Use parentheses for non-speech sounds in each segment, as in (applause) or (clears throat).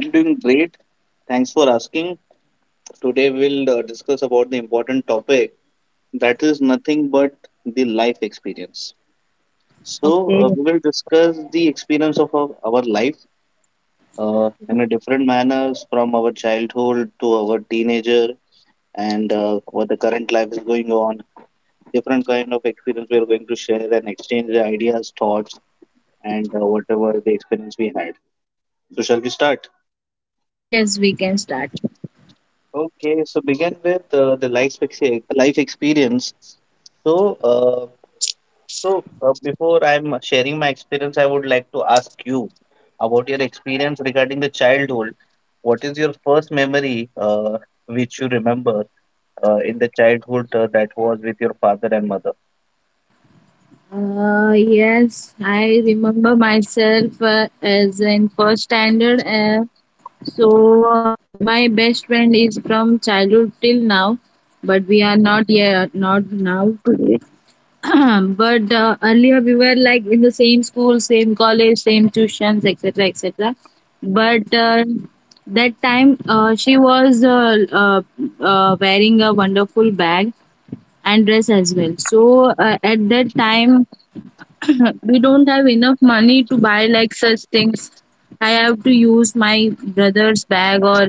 I'm doing great. Thanks for asking. Today we'll discuss about the important topic that is nothing but the life experience. So Okay. we will discuss the experience of our life, in a different manners from our childhood to our teenager, and what the current life is going on. Different kind of experience we are going to share and exchange the ideas thoughts, and whatever the experience we had. So shall we start? Yes, we can start. Okay, so begin with the life experience. So uh, so uh, before I'm sharing my experience, I would like to ask you about your experience regarding the childhood. What is your first memory, uh, which you remember in the childhood, that was with your father and mother? Yes, I remember myself as in first standard. So uh, my best friend is from childhood till now, but we are not now today. (clears throat) But earlier we were like in the same school, same college, same tuitions, etc., etc. But that time she was wearing a wonderful bag and dress as well. So at that time (clears throat) we don't have enough money to buy like such things. I have to use my brother's bag or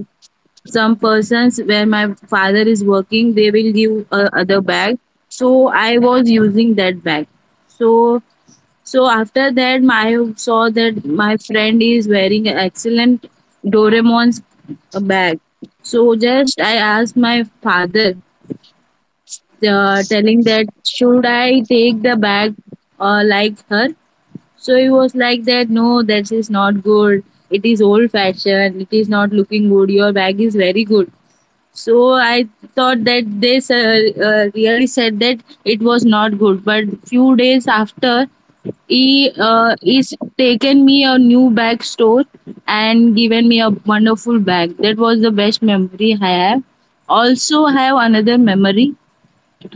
some persons where my father is working they will give a other bag, so I was using that bag. So so after that I saw that my friend is wearing an excellent doraemon's bag, so just I asked my father, telling that should I take the bag like her. So he was like that no, that is not good, it is old fashioned, it is not looking good, your bag is very good. So I thought that really said that it was not good. But few days after, he's taken me a new bag store and given me a wonderful bag. That was the best memory I have. Also, I have another memory.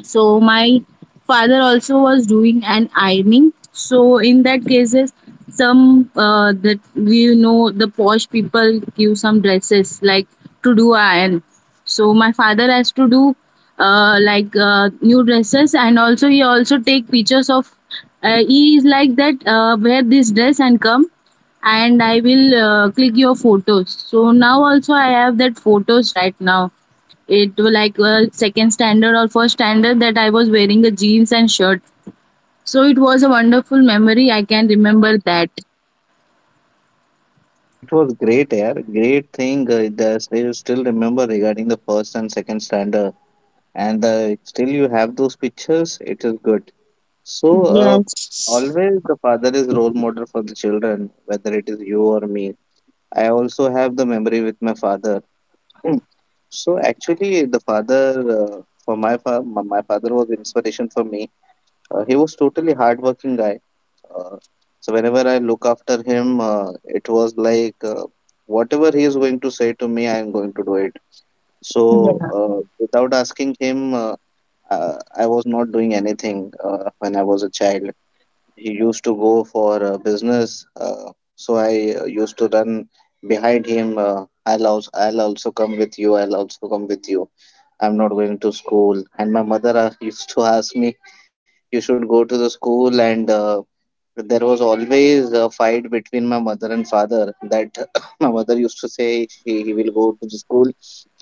So my father also was doing an ironing. So in that cases, some that you know the posh people give some dresses like to do iron. So my father has to do new dresses and also he also take pictures of. He is like that wear this dress and come and I will click your photos. So now also I have that photos right now, it was like second standard or first standard that I was wearing a jeans and shirt. So it was a wonderful memory. I can remember that. It was great, yeah. Great thing that you still remember regarding the first and second standard, and the still you have those pictures. It is good. So, uh, Yes. always the father is role model for the children, whether it is you or me. I also have the memory with my father. (clears throat) So actually, the father, for my father was inspiration for me. He was totally hardworking guy. Uh, so whenever I look after him, it was like whatever he is going to say to me, I am going to do it. So without asking him, I was not doing anything when I was a child. He used to go for business, so I used to run behind him. I'll also come with you. I'll also come with you. I'm not going to school. And my mother, (laughs) used to ask me you should go to the school. And there was always a fight between my mother and father that (coughs) my mother used to say he will go to the school,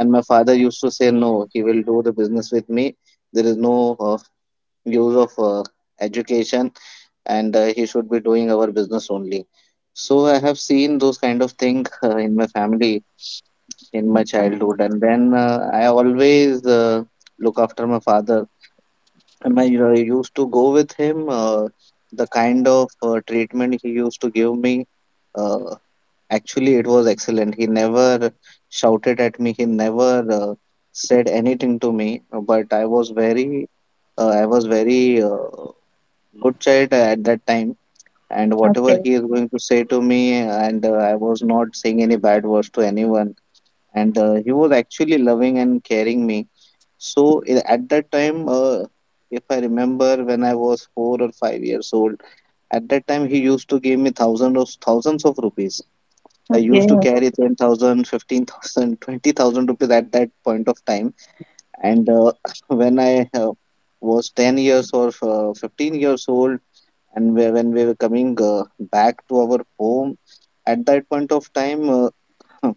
and my father used to say no, he will do the business with me. There is no use of education, and he should be doing our business only. So I have seen those kind of things in my family in my Yeah. childhood, and then I always look after my father, and I used to go with him. The kind of treatment he used to give me, uh, actually, it was excellent. He never shouted at me. He never said anything to me. But I was very good child at that time. And whatever Okay. he is going to say to me, and I was not saying any bad words to anyone. And he was actually loving and caring me. So at that time, if I remember when I was 4 or 5 years old, at that time he used to give me thousands of rupees. I used to Okay. carry 10,000, 15,000, (laughs) 20,000 rupees at that point of time. And (laughs) (clears throat) when I was 10 years or 15 years old, and when we were coming back to our home, at that point of time, (laughs)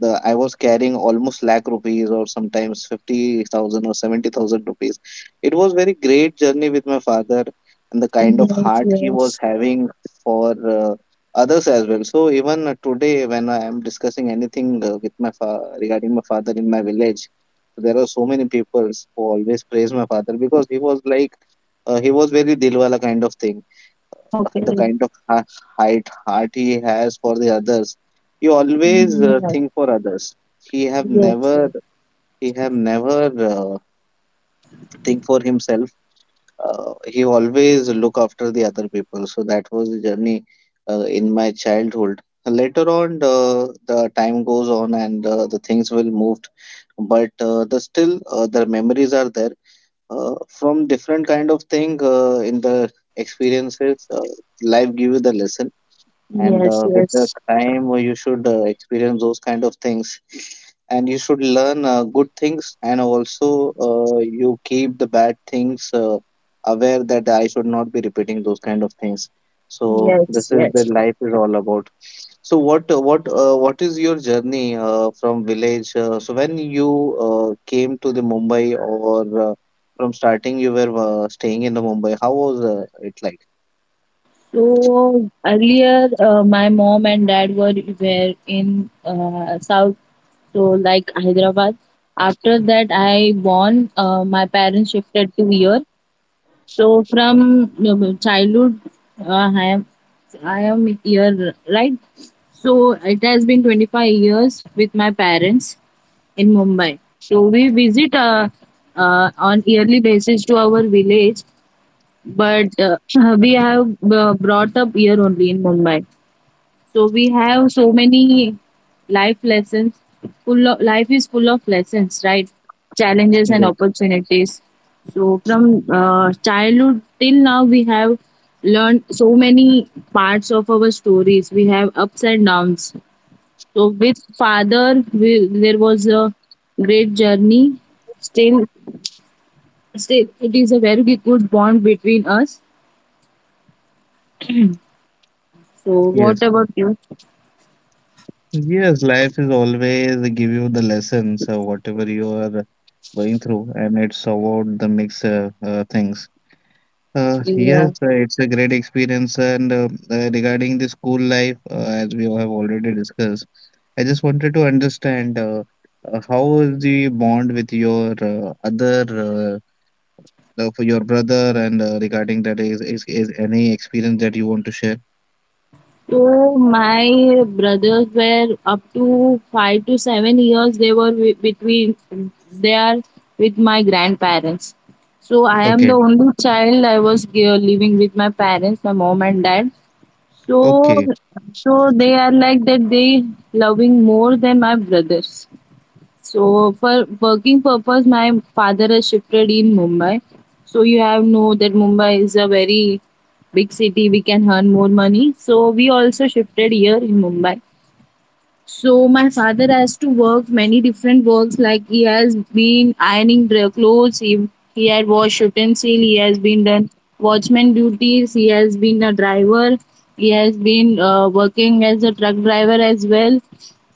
the I was carrying almost lakh rupees or sometimes 50,000 or 70,000 rupees. It was very great journey with my father, and the kind of Yes. heart he was Yes. having for others as well. So even today when I am discussing anything regarding my father in my village, there are so many people who always praise my father because he was very dilwala kind of thing. The Okay. kind of height heart he has for the others. He always Yes. think for others. he have Yes. never he have never uh, think for himself. He always look after the other people. So that was the journey in my childhood. Later on, the time goes on, and the things will moved, but the still the memories are there from different kind of thing in the experiences. Life give you the lesson, and Yes. uh, with the Yes. time, you should experience those kind of things, and you should learn good things, and also you keep the bad things aware that I should not be repeating those kind of things. So Yes. this is where Yes. life is all about. So what is your journey from village, so when you came to the Mumbai, or from starting you were staying in the Mumbai, how was it like? So earlier, my mom and dad were in South, so like Hyderabad. After that, I born. My parents shifted to here. So from childhood, uh, I am I am here, right? So it has been 25 years with my parents in Mumbai. So we visit on yearly basis to our village, but (laughs) (clears throat) we have brought up here only in Mumbai. So we have so many life lessons. Life is full of lessons, right? Challenges and Yeah. opportunities. So from childhood till now, we have learned so many parts of our stories. We have ups and downs. So with father, there was a great journey. Still, still, it is a very good bond between us. So what Yes. about you? Yes, life is always give you the lessons, whatever you are going through, and it's about the mix things. Uh, Yeah. yes, it's a great experience, and regarding the school life, as we have already discussed, I just wanted to understand how is the bond with your other, for your brother, and regarding that, is any experience that you want to share? So my brothers were up to 5 to 7 years. They were wi- between they are with my grandparents. So I am the Okay, only child. I was living with my parents, my mom and dad. So okay, so they are like that. They loving more than my brothers. So for working purpose, my father has shifted in Mumbai. So you have know that Mumbai is a very big city. We can earn more money. So we also shifted here in Mumbai. So my father has to work many different works like he has been ironing clothes, he had washed utensil, he has been done watchman duties, he has been a driver, he has been working as a truck driver as well.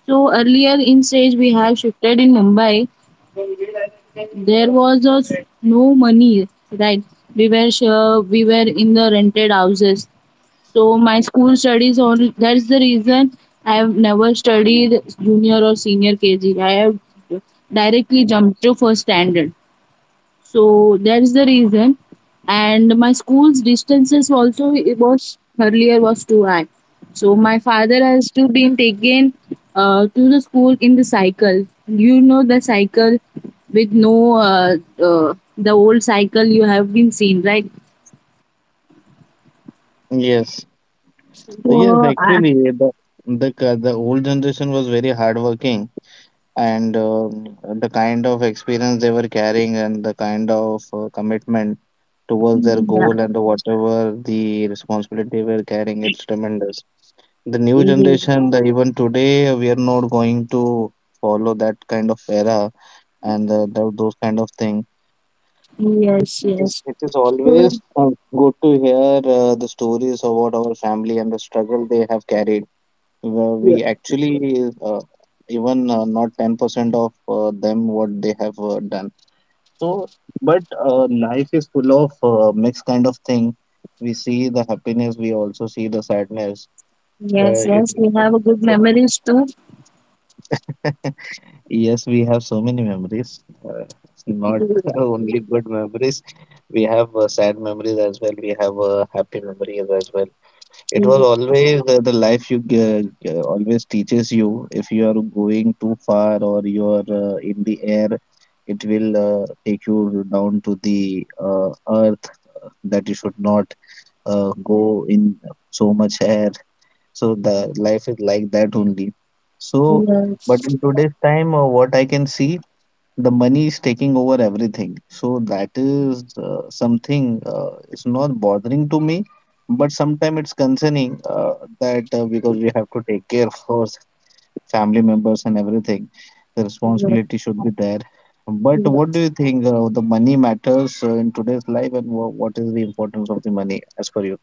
So earlier in stage we have shifted in Mumbai. There was a, no money, right? We were in the rented houses. So my school studies only that's the reason I have never studied junior or senior KG. I have directly jumped to first standard. So that is the reason. And my school's distances also it was earlier was too high. So my father has to been taken to the school in the cycle. You know the cycle with no the old cycle you have been seen, right? yes. Yes, so uh, actually, the old generation was very hardworking, and the kind of experience they were carrying, and the kind of commitment towards their yeah. goal, and the whatever the responsibility they were carrying, it's tremendous. The new generation, the even today, we are not going to follow that kind of era, and those kind of thing. Yes, It is, yes. it is Good. always good to hear the stories about our family and the struggle they have carried. Well, Yeah. we actually even not 10% of them what they have done. So, but life is full of mixed kind of thing. We see the happiness, we also see the sadness. Yes, Uh, it, yes, we have a good memories too. (laughs) yes, we have so many memories. Uh, not Yeah. (laughs) only good memories. We have sad memories as well. We have happy memories as well. It was Yes. always the life you always teaches you. If you are going too far or you are in the air, it will take you down to the earth, that you should not go in so much air. So the life is like that only. So, but in Yes. today's time, what I can see, the money is taking over everything. So that is something is not bothering to me, but sometimes it's concerning that because we have to take care of our family members and everything, the responsibility should be there. But what do Yes. you think the money matters in today's life, and what is the importance of the money as per you?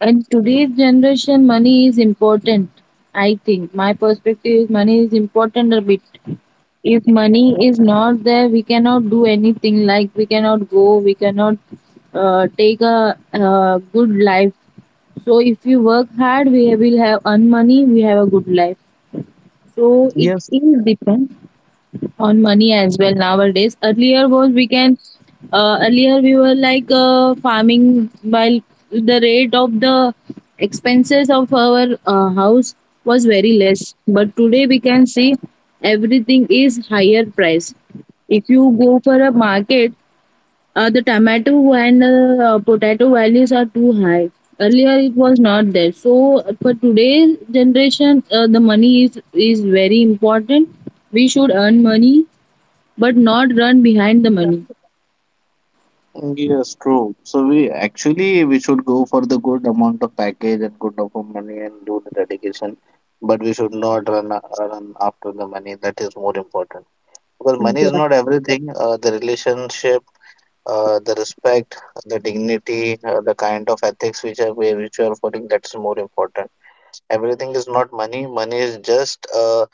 And today's generation, money is important. I think my perspective is money is important a bit. If money is not there, we cannot do anything. Like we cannot go, we cannot take a, good life. So if we work hard, we will have earn money. We have a good life. So it Yes, is depend on money as well nowadays. Earlier we were like farming while the rate of the expenses of our house was very less. But today we can see everything is higher price. If you go for a market, the tomato and potato values are too high. Earlier it was not there. So for today's generation, the money is very important, we should earn money but not run behind the money. yes, true. So we actually we should go for the good amount of package and good amount of money and do the dedication, but we should not run after the money. That is more important because money is Yeah. not everything. The relationship, the respect, the dignity, the kind of ethics which you are following. That's more important. Everything is not money. Money is just a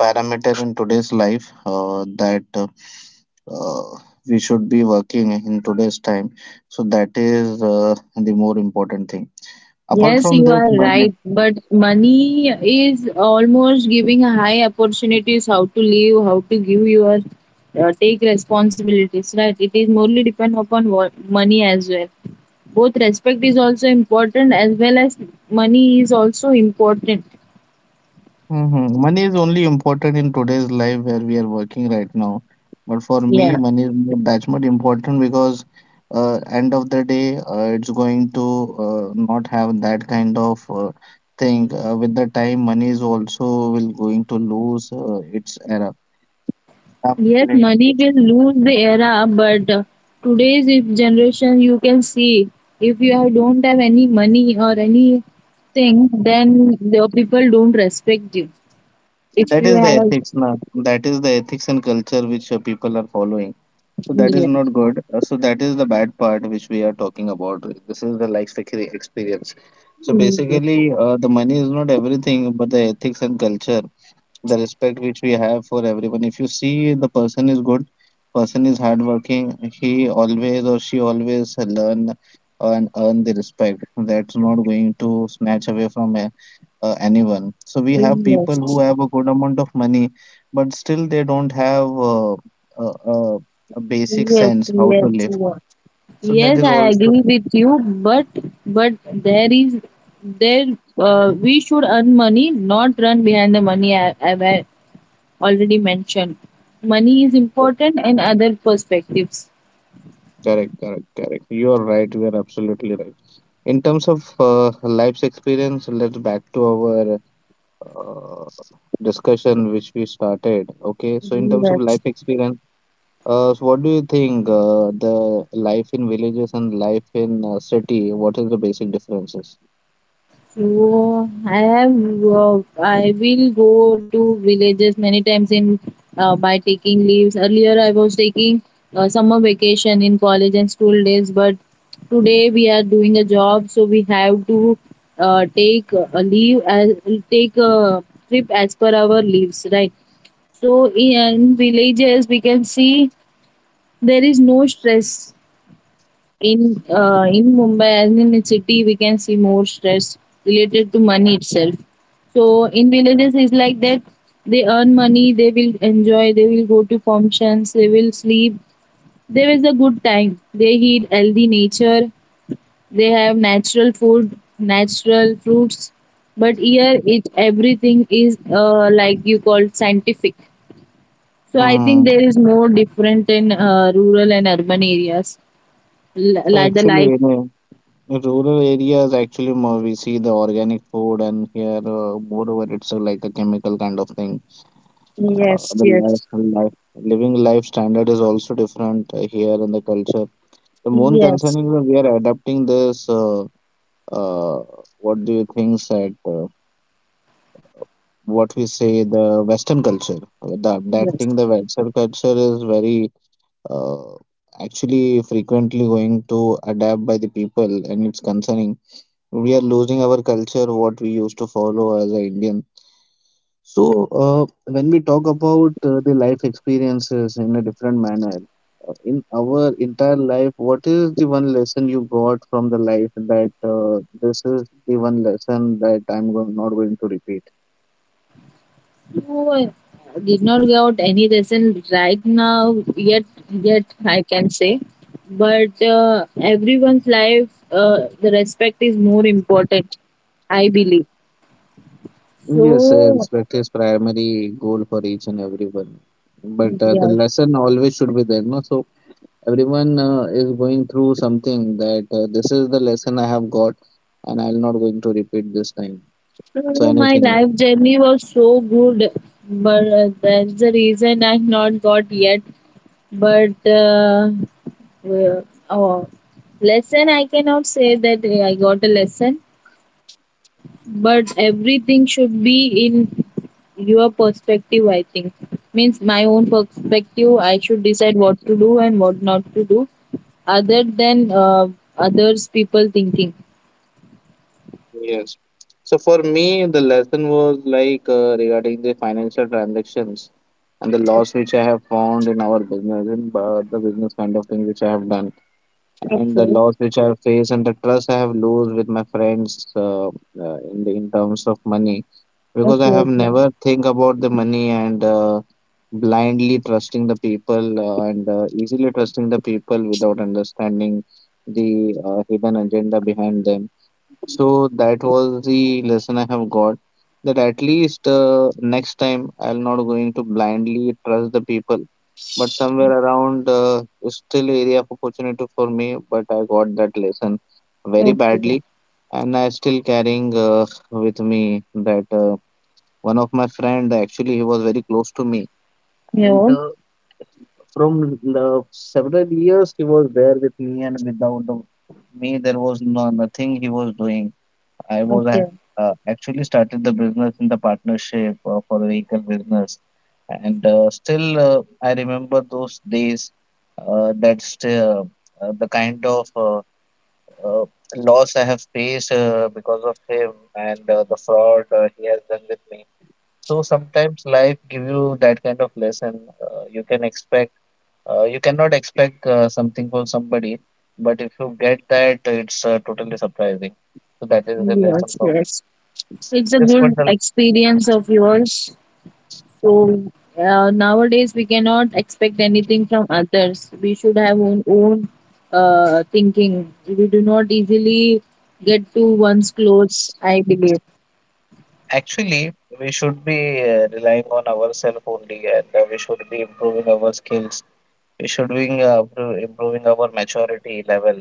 parameter in today's life that uh, we should be working in today's time. So that is the more important thing. Apart Yes, from you this, are money. right. But money is almost giving a high opportunities how to live, how to give your take responsibilities, right? It is morely depend upon what, money as well. Both respect is also important as well as money is also important. Mm-hmm. Money is only important in today's life where we are working right now. But for me, Yeah. money is not that much important because end of the day, it's going to not have that kind of thing. With the time, money is also will going to lose its era. Yes, Absolutely. money will lose the era, but today's if generation you can see if you have, don't have any money or anything, then the people don't respect you. If That you is the have, ethics now. That is the ethics and culture which people are following. So that is yes, not good. So that is the bad part which we are talking about. This is the experience. So basically, the money is not everything, but the ethics and culture, the respect which we have for everyone, if you see the person is good, person is hardworking, he always or she always learn and earn the respect. That's not going to snatch away from anyone. So we have people yes, who have a good amount of money, but still they don't have a, a, a basic yes, sense how to yes, live. yes. So that Yes, is I also agree with you, but there is there, we should earn money, not run behind the money. I've already mentioned. Money is uh, important in other perspectives. Correct, correct, correct. You are right. You are absolutely right. In terms of life's experience, let's back to our uh, discussion which we started. Okay, so in terms of Yes. life experience, so what do you think the life in villages and life in city? What is the basic differences? So I have I will go to villages many times in by taking leaves. Earlier I was taking summer vacation in college and school days, but today we are doing a job, so we have to uh, take a leave as take a trip as per our leaves, right? So in villages we can see there is no stress in Mumbai as in the city we can see more stress related to money itself. So in villages it's like that they earn money, they will enjoy, they will go to functions, they will sleep. There is a good time. They eat healthy nature, they have natural food, natural fruits. But here it everything is like you call scientific. So I think Mm. there is more different in rural and urban areas. So Like the actually, life. you know, in rural areas actually more we see the organic food, and here moreover it's like a chemical kind of thing. Uh, Yes, the life, yes, life, living life standard is also different here in the culture. The main concern yes, is that we are adapting this. Uh, what do you think that what we say the Western culture, the yes. adapting the Western culture is very uh, actually frequently going to adapt by the people, and it's concerning. We are losing our culture, what we used to follow as an Indian. So, when we talk about the life experiences in a different manner, in our entire life, what is the one lesson you got from the life that this is the one lesson that I'm go not going to repeat? No, I did not got any lesson right now yet. Yet I can say, but everyone's life, the respect is more important. I believe. Yes, So, respect is primary goal for each and everyone. But the yeah. lesson always should be there, no? So everyone is going through something that this is the lesson I have got, and I'm not going to repeat this time. So So my anything. life journey was so good, but that's the reason I've not got yet. But uh, uh, oh, lesson I cannot say that I got a lesson, but everything should be in your perspective I think. Means my own perspective I should decide what to do and what not to do other than others people thinking. Yes. So for me, the lesson was like regarding the financial transactions and the loss Okay. which I have found in our business and the business kind of thing which I have done and the Okay. loss which I have faced and the trust I have lost with my friends in the in terms of money because Okay. I have Okay. never think about the money and blindly trusting the people and easily trusting the people without understanding the hidden agenda behind them, so that was the lesson I have got, that at least next time I'll not going to blindly trust the people, but somewhere around is still area of opportunity for me. But I got that lesson very Okay. badly, and I still carrying with me that one of my friend actually he was very close to me, and Yeah. From the several years he was there with me, and without the, me there was no, nothing he was doing. I was Okay. have actually started the business in the partnership for the vehicle business. And still, I remember those days. That's The kind of uh, loss I have faced because of him and the fraud he has done with me. So sometimes life give you that kind of lesson. You cannot expect something from somebody, but if you get that, it's totally surprising. So that is the lesson Yes. from. Yes, it's a Yes, good experience of yours. So nowadays we cannot expect anything from others. We should have own thinking. We do not easily get to one's clothes. I believe. actually, we should be relying on ourselves only, and we should be improving our skills. We should be improving our maturity level,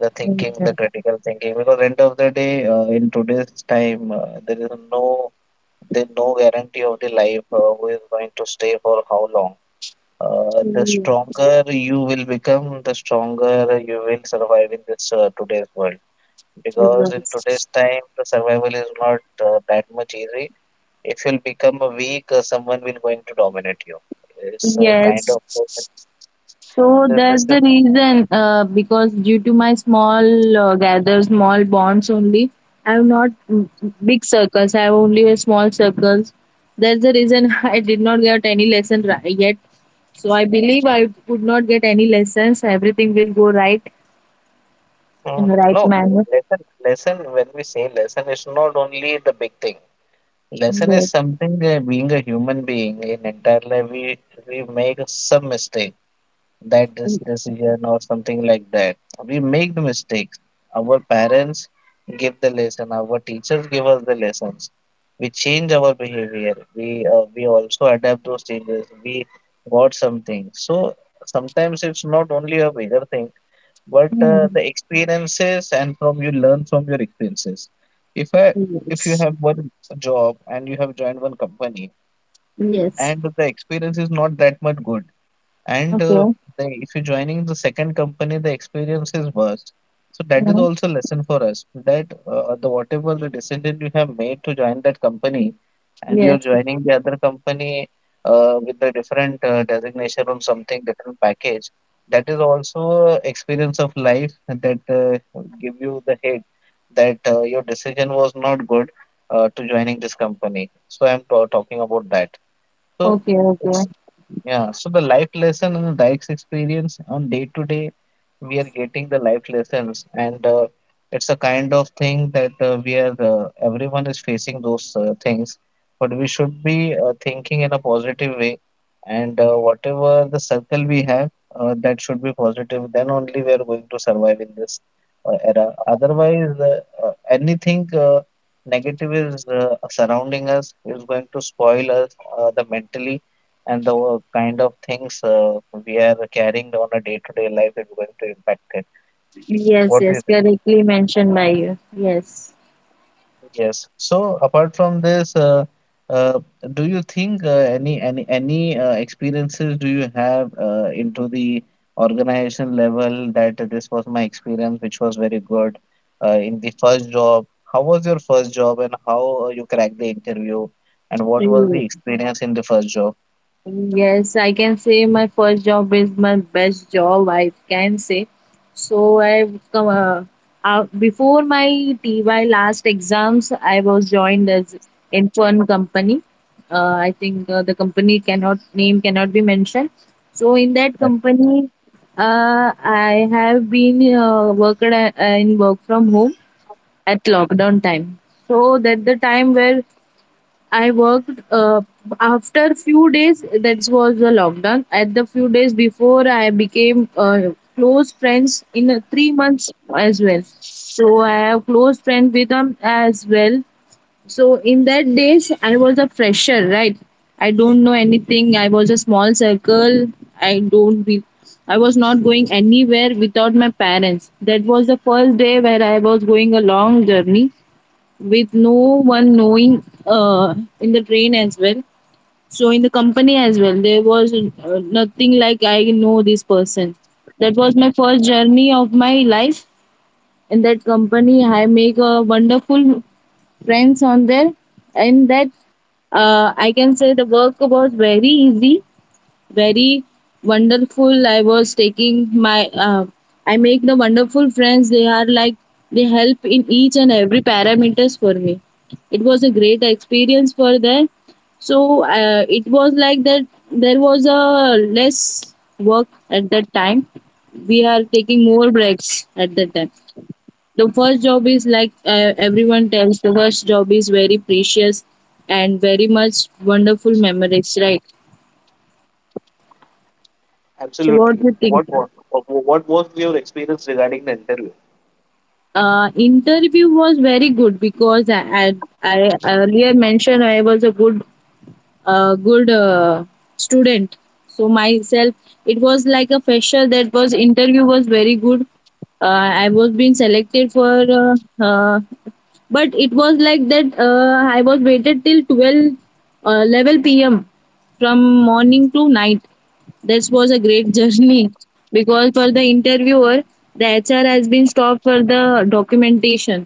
the thinking, the critical thinking. Because end of the day, in today's time, there is no guarantee of the life who is going to stay for how long. The Hmm. stronger you will become, the stronger you will survive in this today's world, because in today's time the survival is not that much easy. If you'll become a weak, someone will going to dominate you. It's a kind Yes. of Yes. this So this that's is the reason, because due to my small gather, small bonds only, I have not mm, big circles. I have only a small circles. That's the reason (laughs) I did not get any yet. So I believe I would not get any lessons. Everything will go right in the right no manner. lesson. Lesson when we say lesson, it's not only the big thing. Lesson is Yes. something being a human being in entire life we make some mistake, that this decision or something like that. We make the mistakes. Our parents give the lesson. Our teachers give us the lessons. We change our behavior. We also adapt those changes. We got something. So sometimes it's not only a bigger thing, but Mm. the experiences and from you learn from your experiences. If I if you Yes. have one job and you have joined one company Yes. and the experience is not that much good and Okay. If you're joining the second company, the experience is worse. So that is Mm. also lesson for us that the whatever the decision you have made to join that company, and you're Yes. joining the other company with the different designation or something different package. That is also experience of life that give you the hit that your decision was not good to joining this company. So I'm talking about that. So Okay. Okay. yeah, so the life lesson and the life's experience on day to day, we are getting the life lessons, and it's a kind of thing that we are everyone is facing those things, but we should be thinking in a positive way, and whatever the circle we have, that should be positive. Then only we are going to survive in this era. Otherwise, anything negative is surrounding us is going to spoil us the mentally and the kind of things we are carrying on a day-to-day life is going to impact it. Yes. What do you Yes, think? correctly mentioned by you. Yes. Yes. So apart from this, uh, do you think any experiences do you have into the organization level, that this was my experience, which was very good in the first job? How was your first job, and how you cracked the interview, and what was the experience in the first job? Yes, I can say my first job is my best job, I can say. So I come before my TY last exams, I was joined as in one company. I think the company cannot name cannot be mentioned. So in that company, I have been worked at, in work from home at lockdown time. So that the time where I worked after few days. That was the lockdown. At the few days before, I became close friends in 3 months as well. So I have close friend with them as well. So in that days, I was a fresher, right? I don't know anything. I was a small circle. I don't be. I was not going anywhere without my parents. That was the first day where I was going a long journey with no one knowing in the train as well. So in the company as well, there was nothing like I know this person. That was my first journey of my life in that company. I make a wonderful friends on there, and that I can say the work was very easy very wonderful. I was taking my, I make the wonderful friends. They are like, they help in each and every parameters for me. It was a great experience for them. So it was like that there was a less work at that time. We are taking more breaks at that time. The first job is like everyone tells the first job is very precious and very much wonderful memories, right? So what Absolutely. do you think? What was your experience regarding the interview? Interview was very good because I earlier mentioned I was a good a good uh, student, so myself it was like a fresher, that was interview was very good. I was being selected for uh, but it was like that I was waited till 12 level pm from morning to night. This was a great (laughs) journey because for the interviewer, the hr has been stopped for the documentation.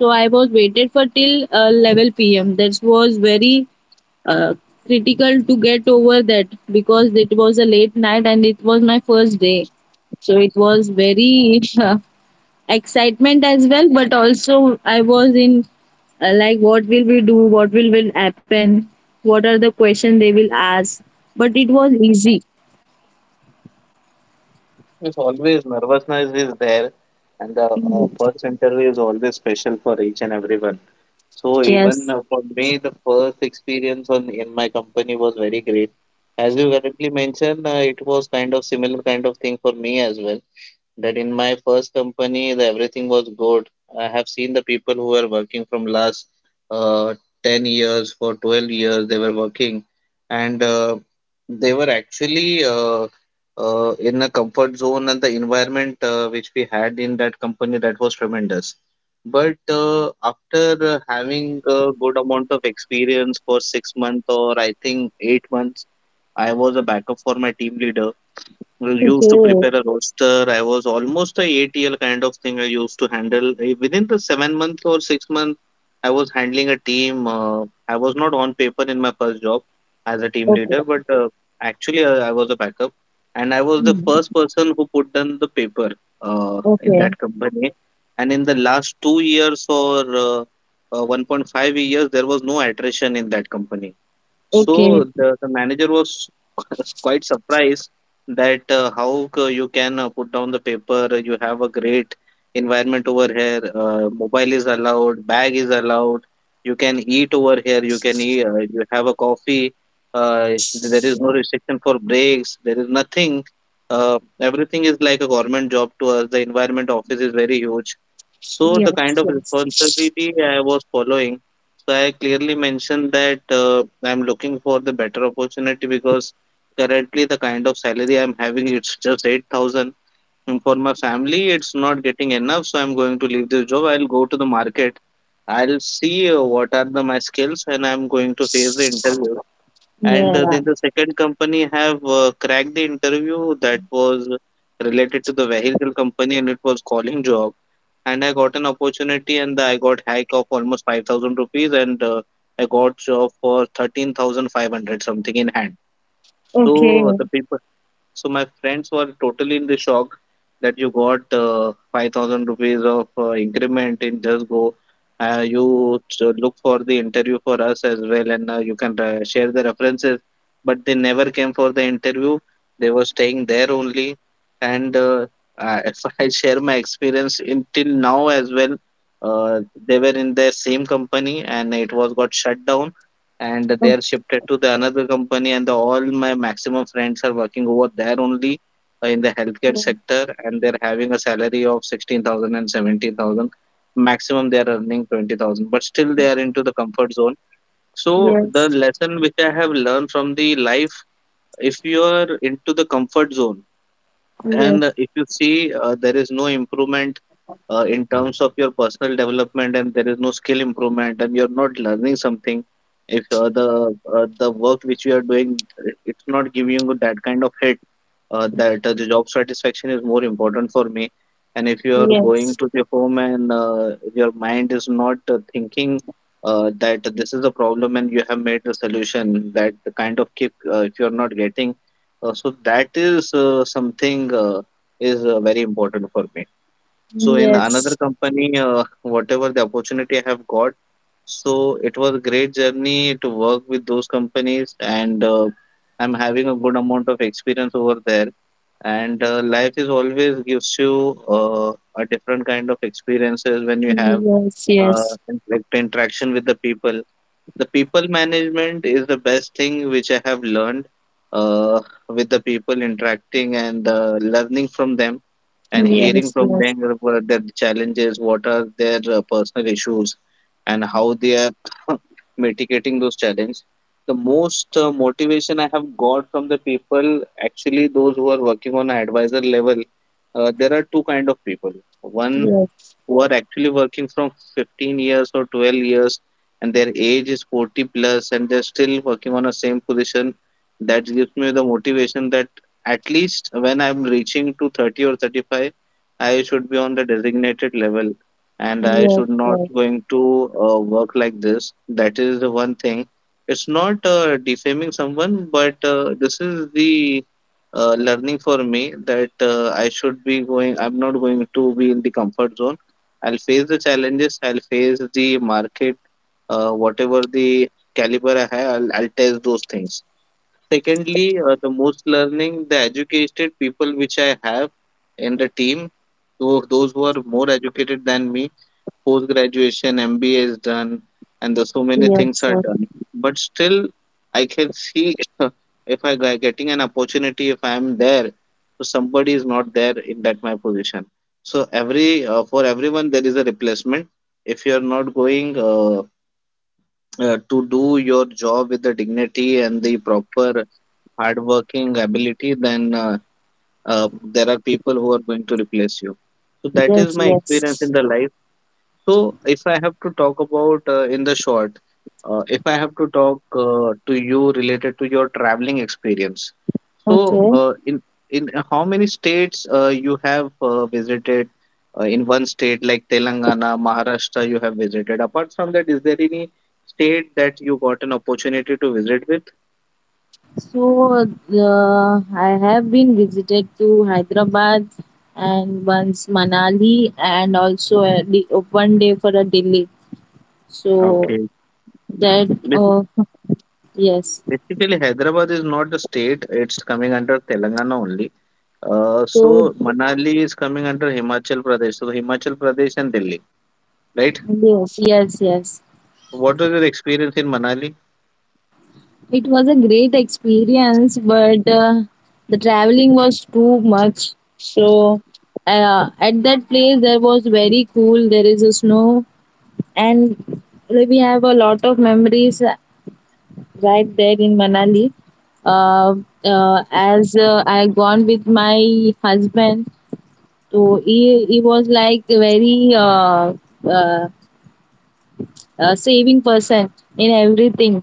So I was waited for till level pm. That was very uh, critical to get over that, because it was a late night and it was my first day. So it was very excitement as well, but also I was in, like, what will we do, what will happen, what are the questions they will ask, but it was easy. It's always nervousness is there, and the first interview is always special for each and everyone. So even Yes. For me, the first experience on in my company was very great. As you correctly mentioned, it was kind of similar kind of thing for me as well, that in my first company the everything was good. I have seen the people who were working from last uh, 10 years, for 12 years they were working, and they were actually in a comfort zone, and the environment which we had in that company that was tremendous. But uh, after having a good amount of experience for 6 months or I think 8 months, I was a backup for my team leader. We used to Okay. prepare a roster. I was almost a ATL kind of thing. I used to handle, eh, within the 7 months or 6 months, I was handling a team. I was not on paper in my first job as a team Okay. leader, but actually I was a backup, and I was the Hmm. first person who put down the paper in Okay. that company. And in the last 2 years or 1.5 years, there was no attrition in that company. okay So the manager was (laughs) quite surprised that how you can put down the paper. You have a great environment over here. Mobile is allowed, bag is allowed. You can eat over here. You can eat. You have a coffee. There is no restriction for breaks. There is nothing. Everything is like a government job to us. The environment office is very huge. So the kind Yes. of Yes. responsibility I was following, so I clearly mentioned that I'm looking for the better opportunity, because currently the kind of salary I'm having it's just 8,000, and for my family it's not getting enough, so I'm going to leave this job. I'll go to the market, I'll see what are the my skills and I'm going to face the interview. And Yeah. then the second company have cracked the interview. That was related to the vehicle company and it was calling job, and I got an opportunity and I got hike of almost 5,000 rupees, and I got job for 13,500 something in hand. Okay. So the people so my friends were totally in the shock that you got 5,000 rupees of increment in Just Go. Look for the interview for us as well, and you can share the references. But they never came for the interview. They were staying there only. And I, (laughs) if I share my experience until now as well, uh, they were in their same company, and it was got shut down, and they are Okay. shifted to the another company, and the, all my maximum friends are working over there only in the healthcare sector, and they're having a salary of 16,000 and seventeen thousand. Maximum they are earning 20,000, but still they are into the comfort zone. So the Yes. lesson which I have learned from the life, if you are into the comfort zone, and Yes. If you see, there is no improvement in terms of your personal development, and there is no skill improvement, and you're not learning something. If the work which you are doing, it's not giving you that kind of hit, that the job satisfaction is more important for me. And if you are going Yes. to the home and your mind is not thinking that this is a problem and you have made the solution, that kind of kick, if you're not getting so that is something is very important for me. So in another Yes, company, whatever the opportunity I have got, so it was a great journey to work with those companies, and I'm having a good amount of experience over there. And life is always gives you a different kind of experiences when you have yes, uh, yes, interaction with the people. The people management is the best thing which I have learned, uh, with the people interacting and learning from them and hearing yes, from yes, them what their challenges, what are their personal issues, and how they are (coughs) (laughs) mitigating those challenges. The most motivation I have got from the people, actually, those who are working on an advisor level, there are two kind of people. One yes, who are actually working from 15 years or 12 years, and their age is 40 plus, and they're still working on the same position. That gives me the motivation that at least when I'm reaching to 30 or 35, I should be on the designated level and I yes, should not yes, going to work like this. That is the one thing. It's not defaming someone, but this is the learning for me that I'm not going to be in the comfort zone. I'll face the challenges. I'll face the market, whatever the caliber I have. I'll test those things. Secondly, the most learning, the educated people which I have in the team, those who are more educated than me, post graduation MBA is done and the, so many yes, things are yes, done, but still I can see (laughs) if getting an opportunity, if I am there, so somebody is not there in that my position. So every for everyone there is a replacement. If you are not going to do your job with the dignity and the proper hardworking ability, then uh, there are people who are going to replace you. So that is yes. my experience Yes. in the life. So, if I have to talk about in the short, if I have to talk to you related to your traveling experience, so Okay. in how many states you have visited? In one state like Telangana, Maharashtra, you have visited. Apart from that, is there any state that you got an opportunity to visit with? So I have been visited to Hyderabad and once Manali, and also one day for a Delhi. So Okay. that Basi- (laughs) yes. Basically, Hyderabad is not the state; it's coming under Telangana only. So So Manali is coming under Himachal Pradesh. So Himachal Pradesh and Delhi, right? yes, yes, yes. What was your experience in Manali? It was a great experience, but the traveling was too much. So at that place, there was very cool. There is a snow, and, like, we have a lot of memories right there in Manali. Uh, as I gone with my husband, so he was like very uh, saving person in everything.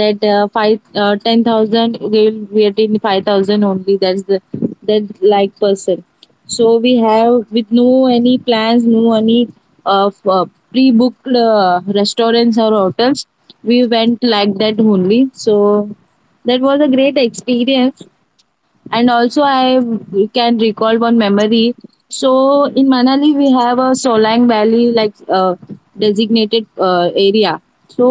That five 10,000 they will get in 5,000 only. That's the that like person. So we have with no any plans, no any of pre-booked restaurants or hotels. We went like that only. So that was a great experience, and also I can recall one memory. So in Manali we have a Solang Valley, like designated area. So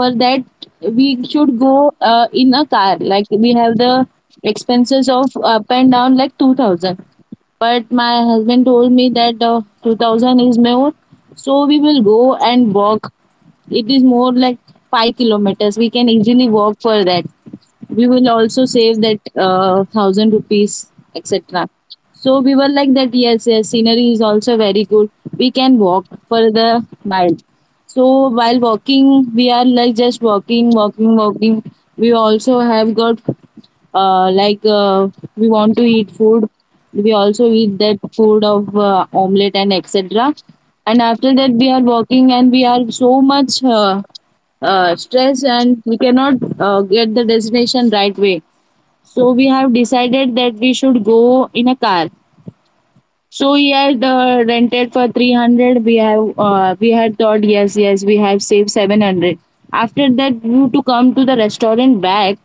for that we should go in a car. Like, we have the expenses of up and down like 2000, but my husband told me that 2000 is more. So we will go and walk. It is more like 5 kilometers, we can easily walk for that. We will also save that thousand rupees etc. So we were like that, yes, yes, scenery is also very good, we can walk for the while. So while walking we are like just walking, walking, walking. We also have got, uh, like uh, we want to eat food. We also eat that food of omelette and etc. And after that we are working, and we are so much stress, and we cannot get the destination right way. So we have decided that we should go in a car. So he had rented for 300. We had thought, yes, yes, we have saved 700. After that you to come to the restaurant back.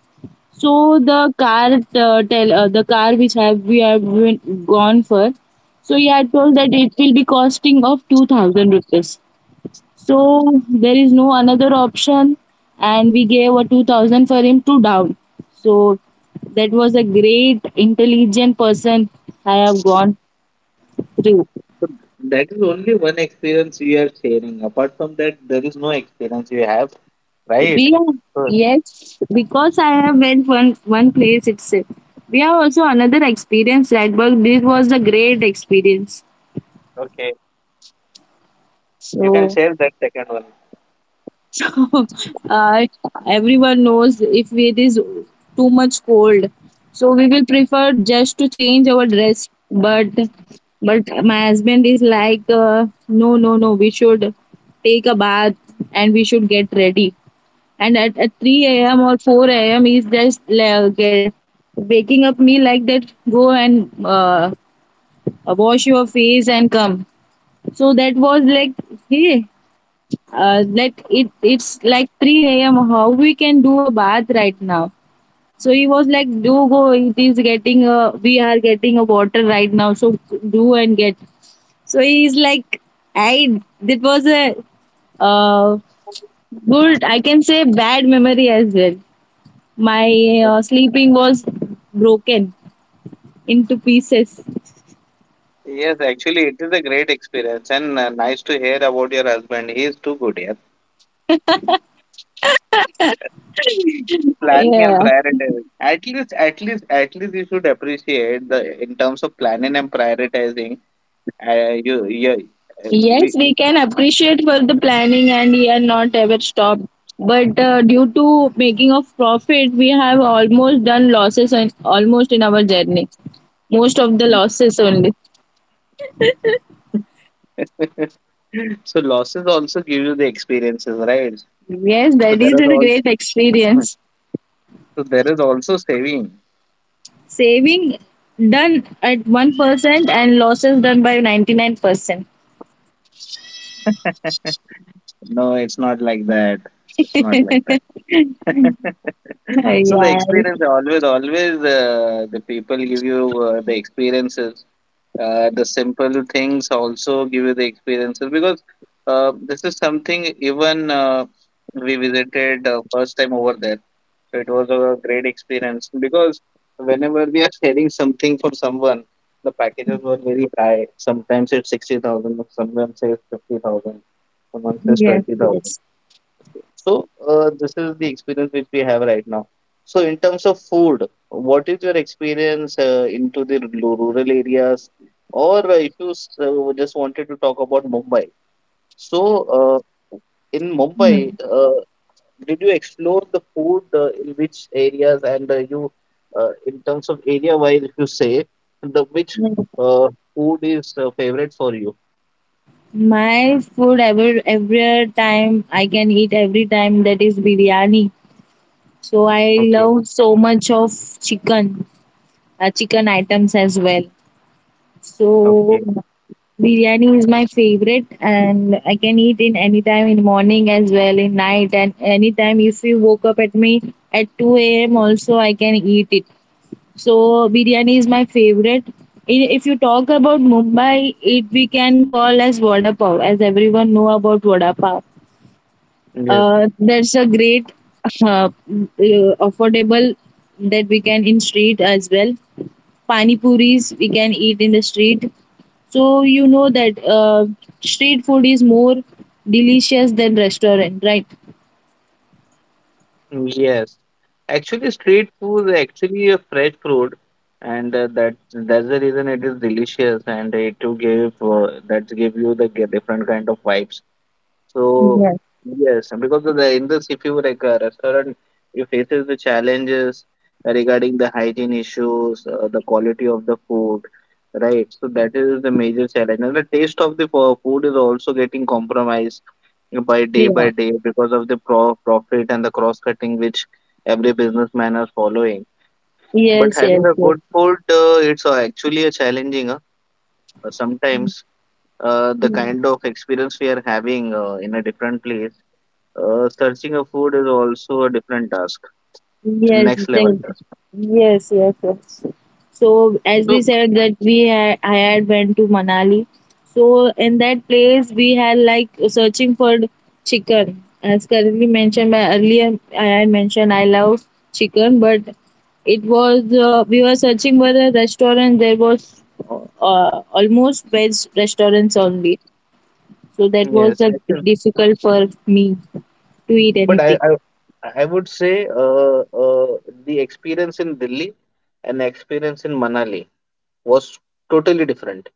So the car tell the car which have we have been gone for. So he had told that it will be costing of 2,000 rupees. So there is no another option, and we gave a 2,000 for him to down. So that was a great intelligent person I have gone through. So that is only one experience we are sharing. Apart from that, there is no experience you have, We right? have, Sure. yes, because I have went one place itself. We have also another experience at work. This was a great experience. Okay, you can share So. that second one. So (laughs) uh, everyone knows, if it is too much cold, so we will prefer just to change our dress. But but my husband is like, no, no, no, we should take a bath and we should get ready. And at 3 a.m. or 4 a.m. is just like, waking up me like that. Go and wash your face and come. So that was like, hey, like, it's like 3 a.m, how we can do a bath right now? So he was like, do go, it is getting a we are getting a water right now, so do and get. So he's like, I that was a uh, good, I can say, bad memory as well. My sleeping was broken into pieces. Yes, actually, it is a great experience and nice to hear about your husband. He is too good here. (laughs) Planning and Yeah. prioritizing. At least, at least, at least, you should appreciate the in terms of planning and prioritizing. Uh, you, you, uh, Yes, we, we we- can appreciate for the planning, and we are not ever stopped. But due to making of profit, we have almost done losses and almost in our journey. Most of the losses only. (laughs) so losses also give you the experiences, right? Yes, So that there is are a also, great so experience. there is also saving. Saving done at 1% and losses done by 99%. (laughs) No, it's not like that. It's not like that. (laughs) So the Yeah, experience always, always the people give you the experiences. The simple things also give you the experiences because this is something even we visited first time over there. So it was a great experience because whenever we are selling something for someone, the packages were very high. Sometimes it's 60,000, someone says 50,000, someone says yes, 20,000. yes. So this is the experience which we have right now. So in terms of food, what is your experience into the rural areas? Or if you s- just wanted to talk about Mumbai. So uh, in Mumbai, Hmm. Did you explore the food in which areas and in terms of area wise, if you say the which Yes. Food is favorite for you? My food every time I can eat every time, that is biryani. So I Okay, love so much of chicken, chicken items as well. So okay, biryani is my favorite, and I can eat in any time, in morning as well, in night, and anytime. If you woke up at me at 2 a.m. also I can eat it. So biryani is my favorite. If you talk about Mumbai, it we can call as vada pav, as everyone know about vada pav. yes, That's a great uh, uh, affordable, that we can in street as well. Pani puris we can eat in the street. So you know that street food is more delicious than restaurant, right? yes. Actually, street food is actually a fresh food, and that that's the reason it is delicious and it will give that give you the different kind of vibes. So Yes. yes, because of the in this, if you like a restaurant, you faces the challenges regarding the hygiene issues, the quality of the food, right? So that is the major challenge, and the taste of the food is also getting compromised Yeah. by day because of the profit and the cross cutting which every businessman are following. But Yes, yes, having a good food, it's actually a challenging. Sometimes the yes. kind of experience we are having in a different place searching a food is also a different task, a Yes, next level task. yes, yes, yes. So as we So said that we had I had went to Manali. So in that place we had like searching for chicken. As currently mentioned by earlier, I had mentioned I love chicken, but it was we were searching for a restaurant. There was almost veg restaurants only. So that was yes, I think, difficult for me to eat but anything. I would say the experience in Delhi and experience in Manali was totally different.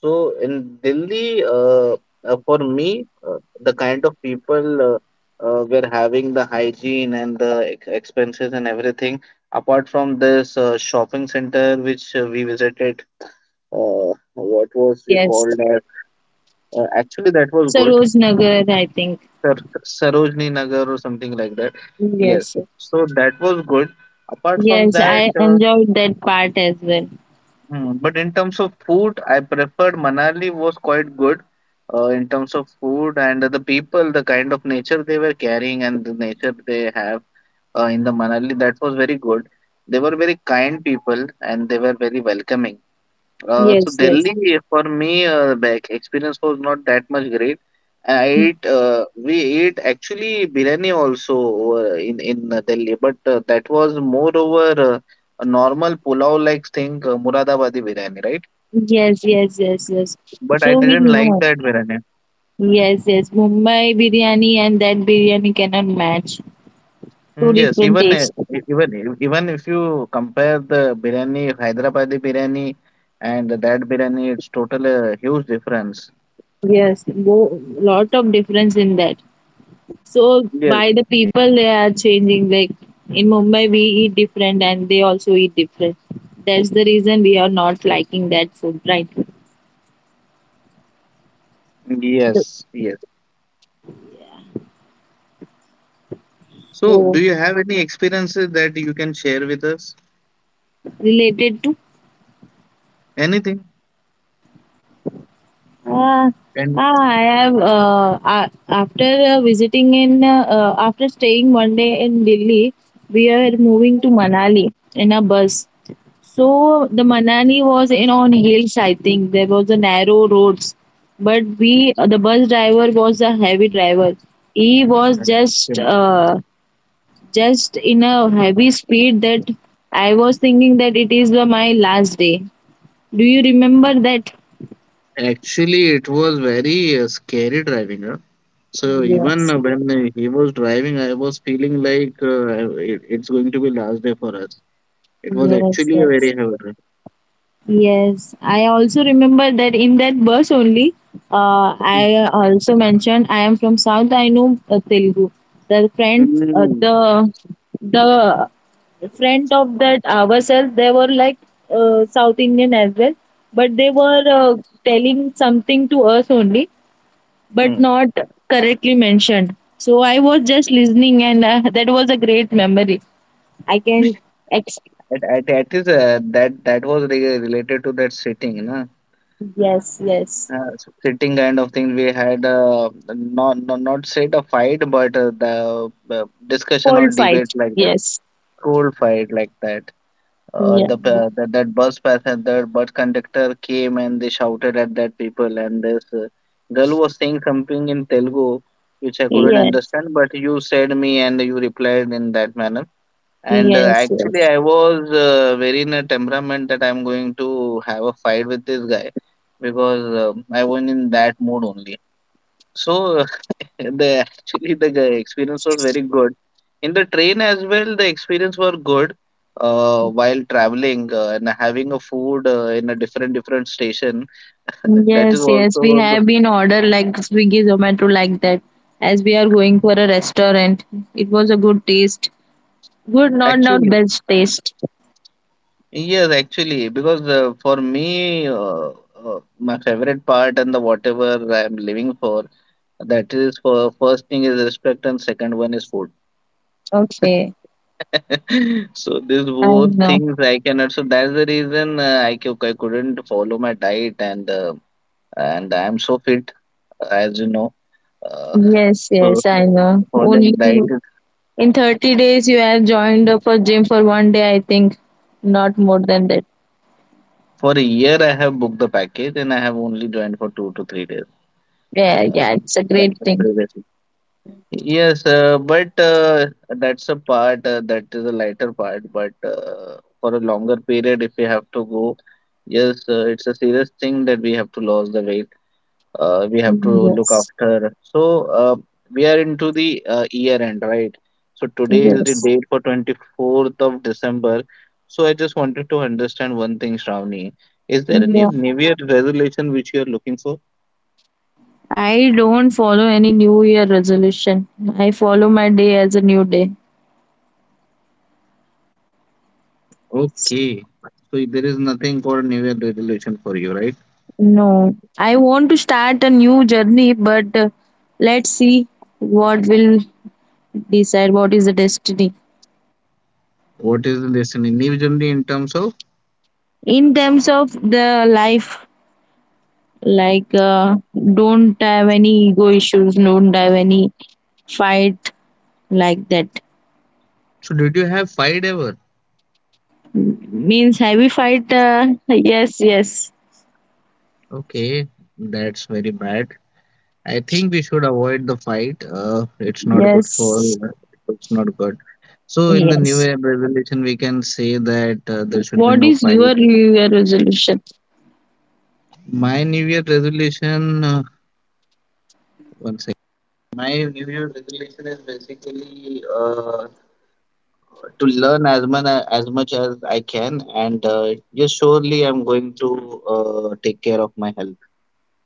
So in Delhi, for me, the kind of people were having the hygiene and the expenses and everything. Apart from this shopping center which we visited, uh, what was Yes, we yes. called. Actually, that was good. Saroj Nagar, I think. Sarojini Nagar or something like that. Yes. Yes. So that was good. Apart from Yes, that, I enjoyed that part as well. hmm, but in terms of food, I preferred Manali was quite good in terms of food and the people, the kind of nature they were carrying and the nature they have in the Manali, that was very good. They were very kind people and they were very welcoming. So Yes, yes. Delhi for me the experience was not that much great. I ate we ate actually biryani also over in Delhi, but that was more over a normal pulao like thing, Muradabadi biryani, right? Yes, yes, yes, yes. But I So we didn't like know. that biryani. Yes, yes. Mumbai biryani and that biryani cannot match. Two Mm, yes, different even tastes. e- even e- even if you compare the biryani, Hyderabadi biryani, and that biryani, it's total huge difference. Yes, lot of difference in that. So Yes, by the people they are changing. Like, in Mumbai we eat different, and they also eat different. That's the reason we are not liking that food, right? The- yes, yes. So, do So you have any experiences that you can share with us? related to. Anything? Uh, And uh, After staying one day in Delhi, we are moving to Manali in a bus. So the Manali was in on hills. I think there was a narrow roads, but we the bus driver was a heavy driver. He was uh, just in a heavy speed, that I was thinking that it is my last day. Do you remember that? actually, it was very scary driving. Huh? So even Yes. when he was driving, I was feeling like it's going to be last day for us. It was Yes. actually a very Yes. heavy. Drive. Yes, I also remember that in that bus only, I also mentioned I am from South. I know Telugu. Mm, The the friend of that ourselves, they were like South Indian as well, but they were telling something to us only, but mm. not correctly mentioned. So I was just listening, and that was a great memory. I can ex- At least that was re related to that sitting, na? yes, yes, So sitting kind of thing we had not said a fight but the discussion or cold fight. debate like that, Yes. school fight like that, Yeah. That bus passenger bus conductor came and they shouted at that people and this girl was saying something in Telugu which I couldn't Yes, understand, but you said me and you replied in that manner, and yes, yes. actually, I was very in a temperament that I'm going to have a fight with this guy because I was in that mood only. So (laughs) the actually the experience was very good. In the train as well, the experience were good. While traveling and having a food in a different different station, (laughs) that is Yes, yes. We also a good. have been ordered like Swiggy, Zomato, like that. As we are going for a restaurant, it was a good taste. Good, not Actually, best taste. yes, actually, because for me, my favorite part and the whatever I'm living for, that is for first thing is respect and second one is food. Okay, (laughs) So these I both know. things I cannot. So that's the reason I couldn't follow my diet and I'm so fit as you know. Uh, Yes, so yes, I know. Only following diet is, in 30 days you have joined up a gym for one day, I think. Not more than that. for a year I have booked the package and I have only joined for 2 to 3 days. Yeah, Uh, yeah, it's a that's great the thing. previous. Yes, but that's a part that is a lighter part. But for a longer period, if we have to go, yes, it's a serious thing that we have to lose the weight. We have to look Yes, after. So we are into the year end, right? So today is the yes. date for 24th of December. So I just wanted to understand one thing, Shravani. Is there any Yeah. New Year resolution which you are looking for? I don't follow any New Year resolution. I follow my day as a new day. Okay, so there is nothing called New Year resolution for you, right? No, I want to start a new journey, but let's see what will decide what is the destiny. What is the lesson individually in terms of? In terms of the life, like, don't have any ego issues, don't have any fight like that. So, did you have fight ever? Means heavy fight? Yes, yes, Okay, that's very bad. I think we should avoid the fight. It's not good for. yes, It's not good. So, in the New yes. Year resolution, we can say that there should be What no is fight. your New Year resolution? My New Year resolution. One second. My New Year resolution is basically to learn as much as much as I can, and yes, surely I'm going to take care of my health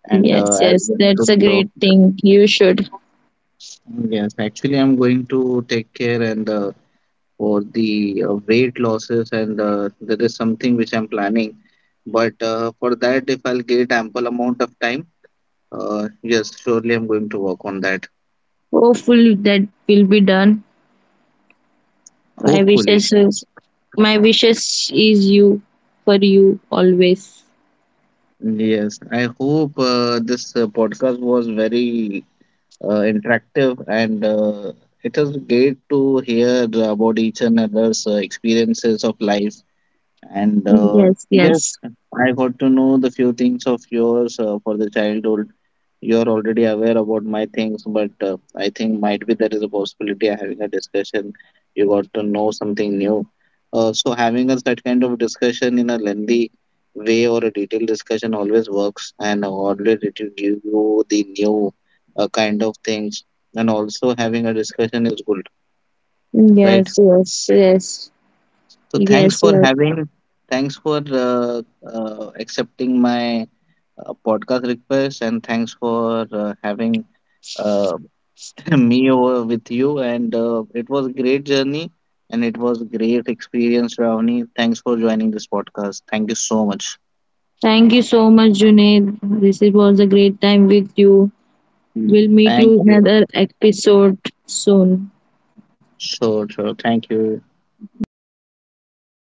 and Yes, I'm yes, going to that's a look. great thing. You should. Yes, actually, I'm going to take care and for the weight losses, and there is something which I'm planning. But for that, if I'll get ample amount of time, yes, surely I'm going to work on that. Hopefully that will be done. My Hopefully, wishes is my wishes is you for you always. yes. I hope this podcast was very interactive and. It was great to hear about each and other's experiences of life. And Yes, yes, yes. I got to know the few things of yours for the childhood. You're already aware about my things, but I think might be there is a possibility of having a discussion. You got to know something new. So having a such kind of discussion in a lengthy way or a detailed discussion always works, and always it will give you the new kind of things. And also having a discussion is good, right? Yes, yes, yes. So thanks Yes, for yes. having, thanks for accepting my podcast request, and thanks for having uh, (clears throat) (laughs) me over with you. And it was a great journey, and it was a great experience, Ravani. Thanks for joining this podcast. Thank you so much. Thank you so much, Junaid. This was a great time with you. We'll meet Thank you in you. another episode soon. Sure, sure. Thank you.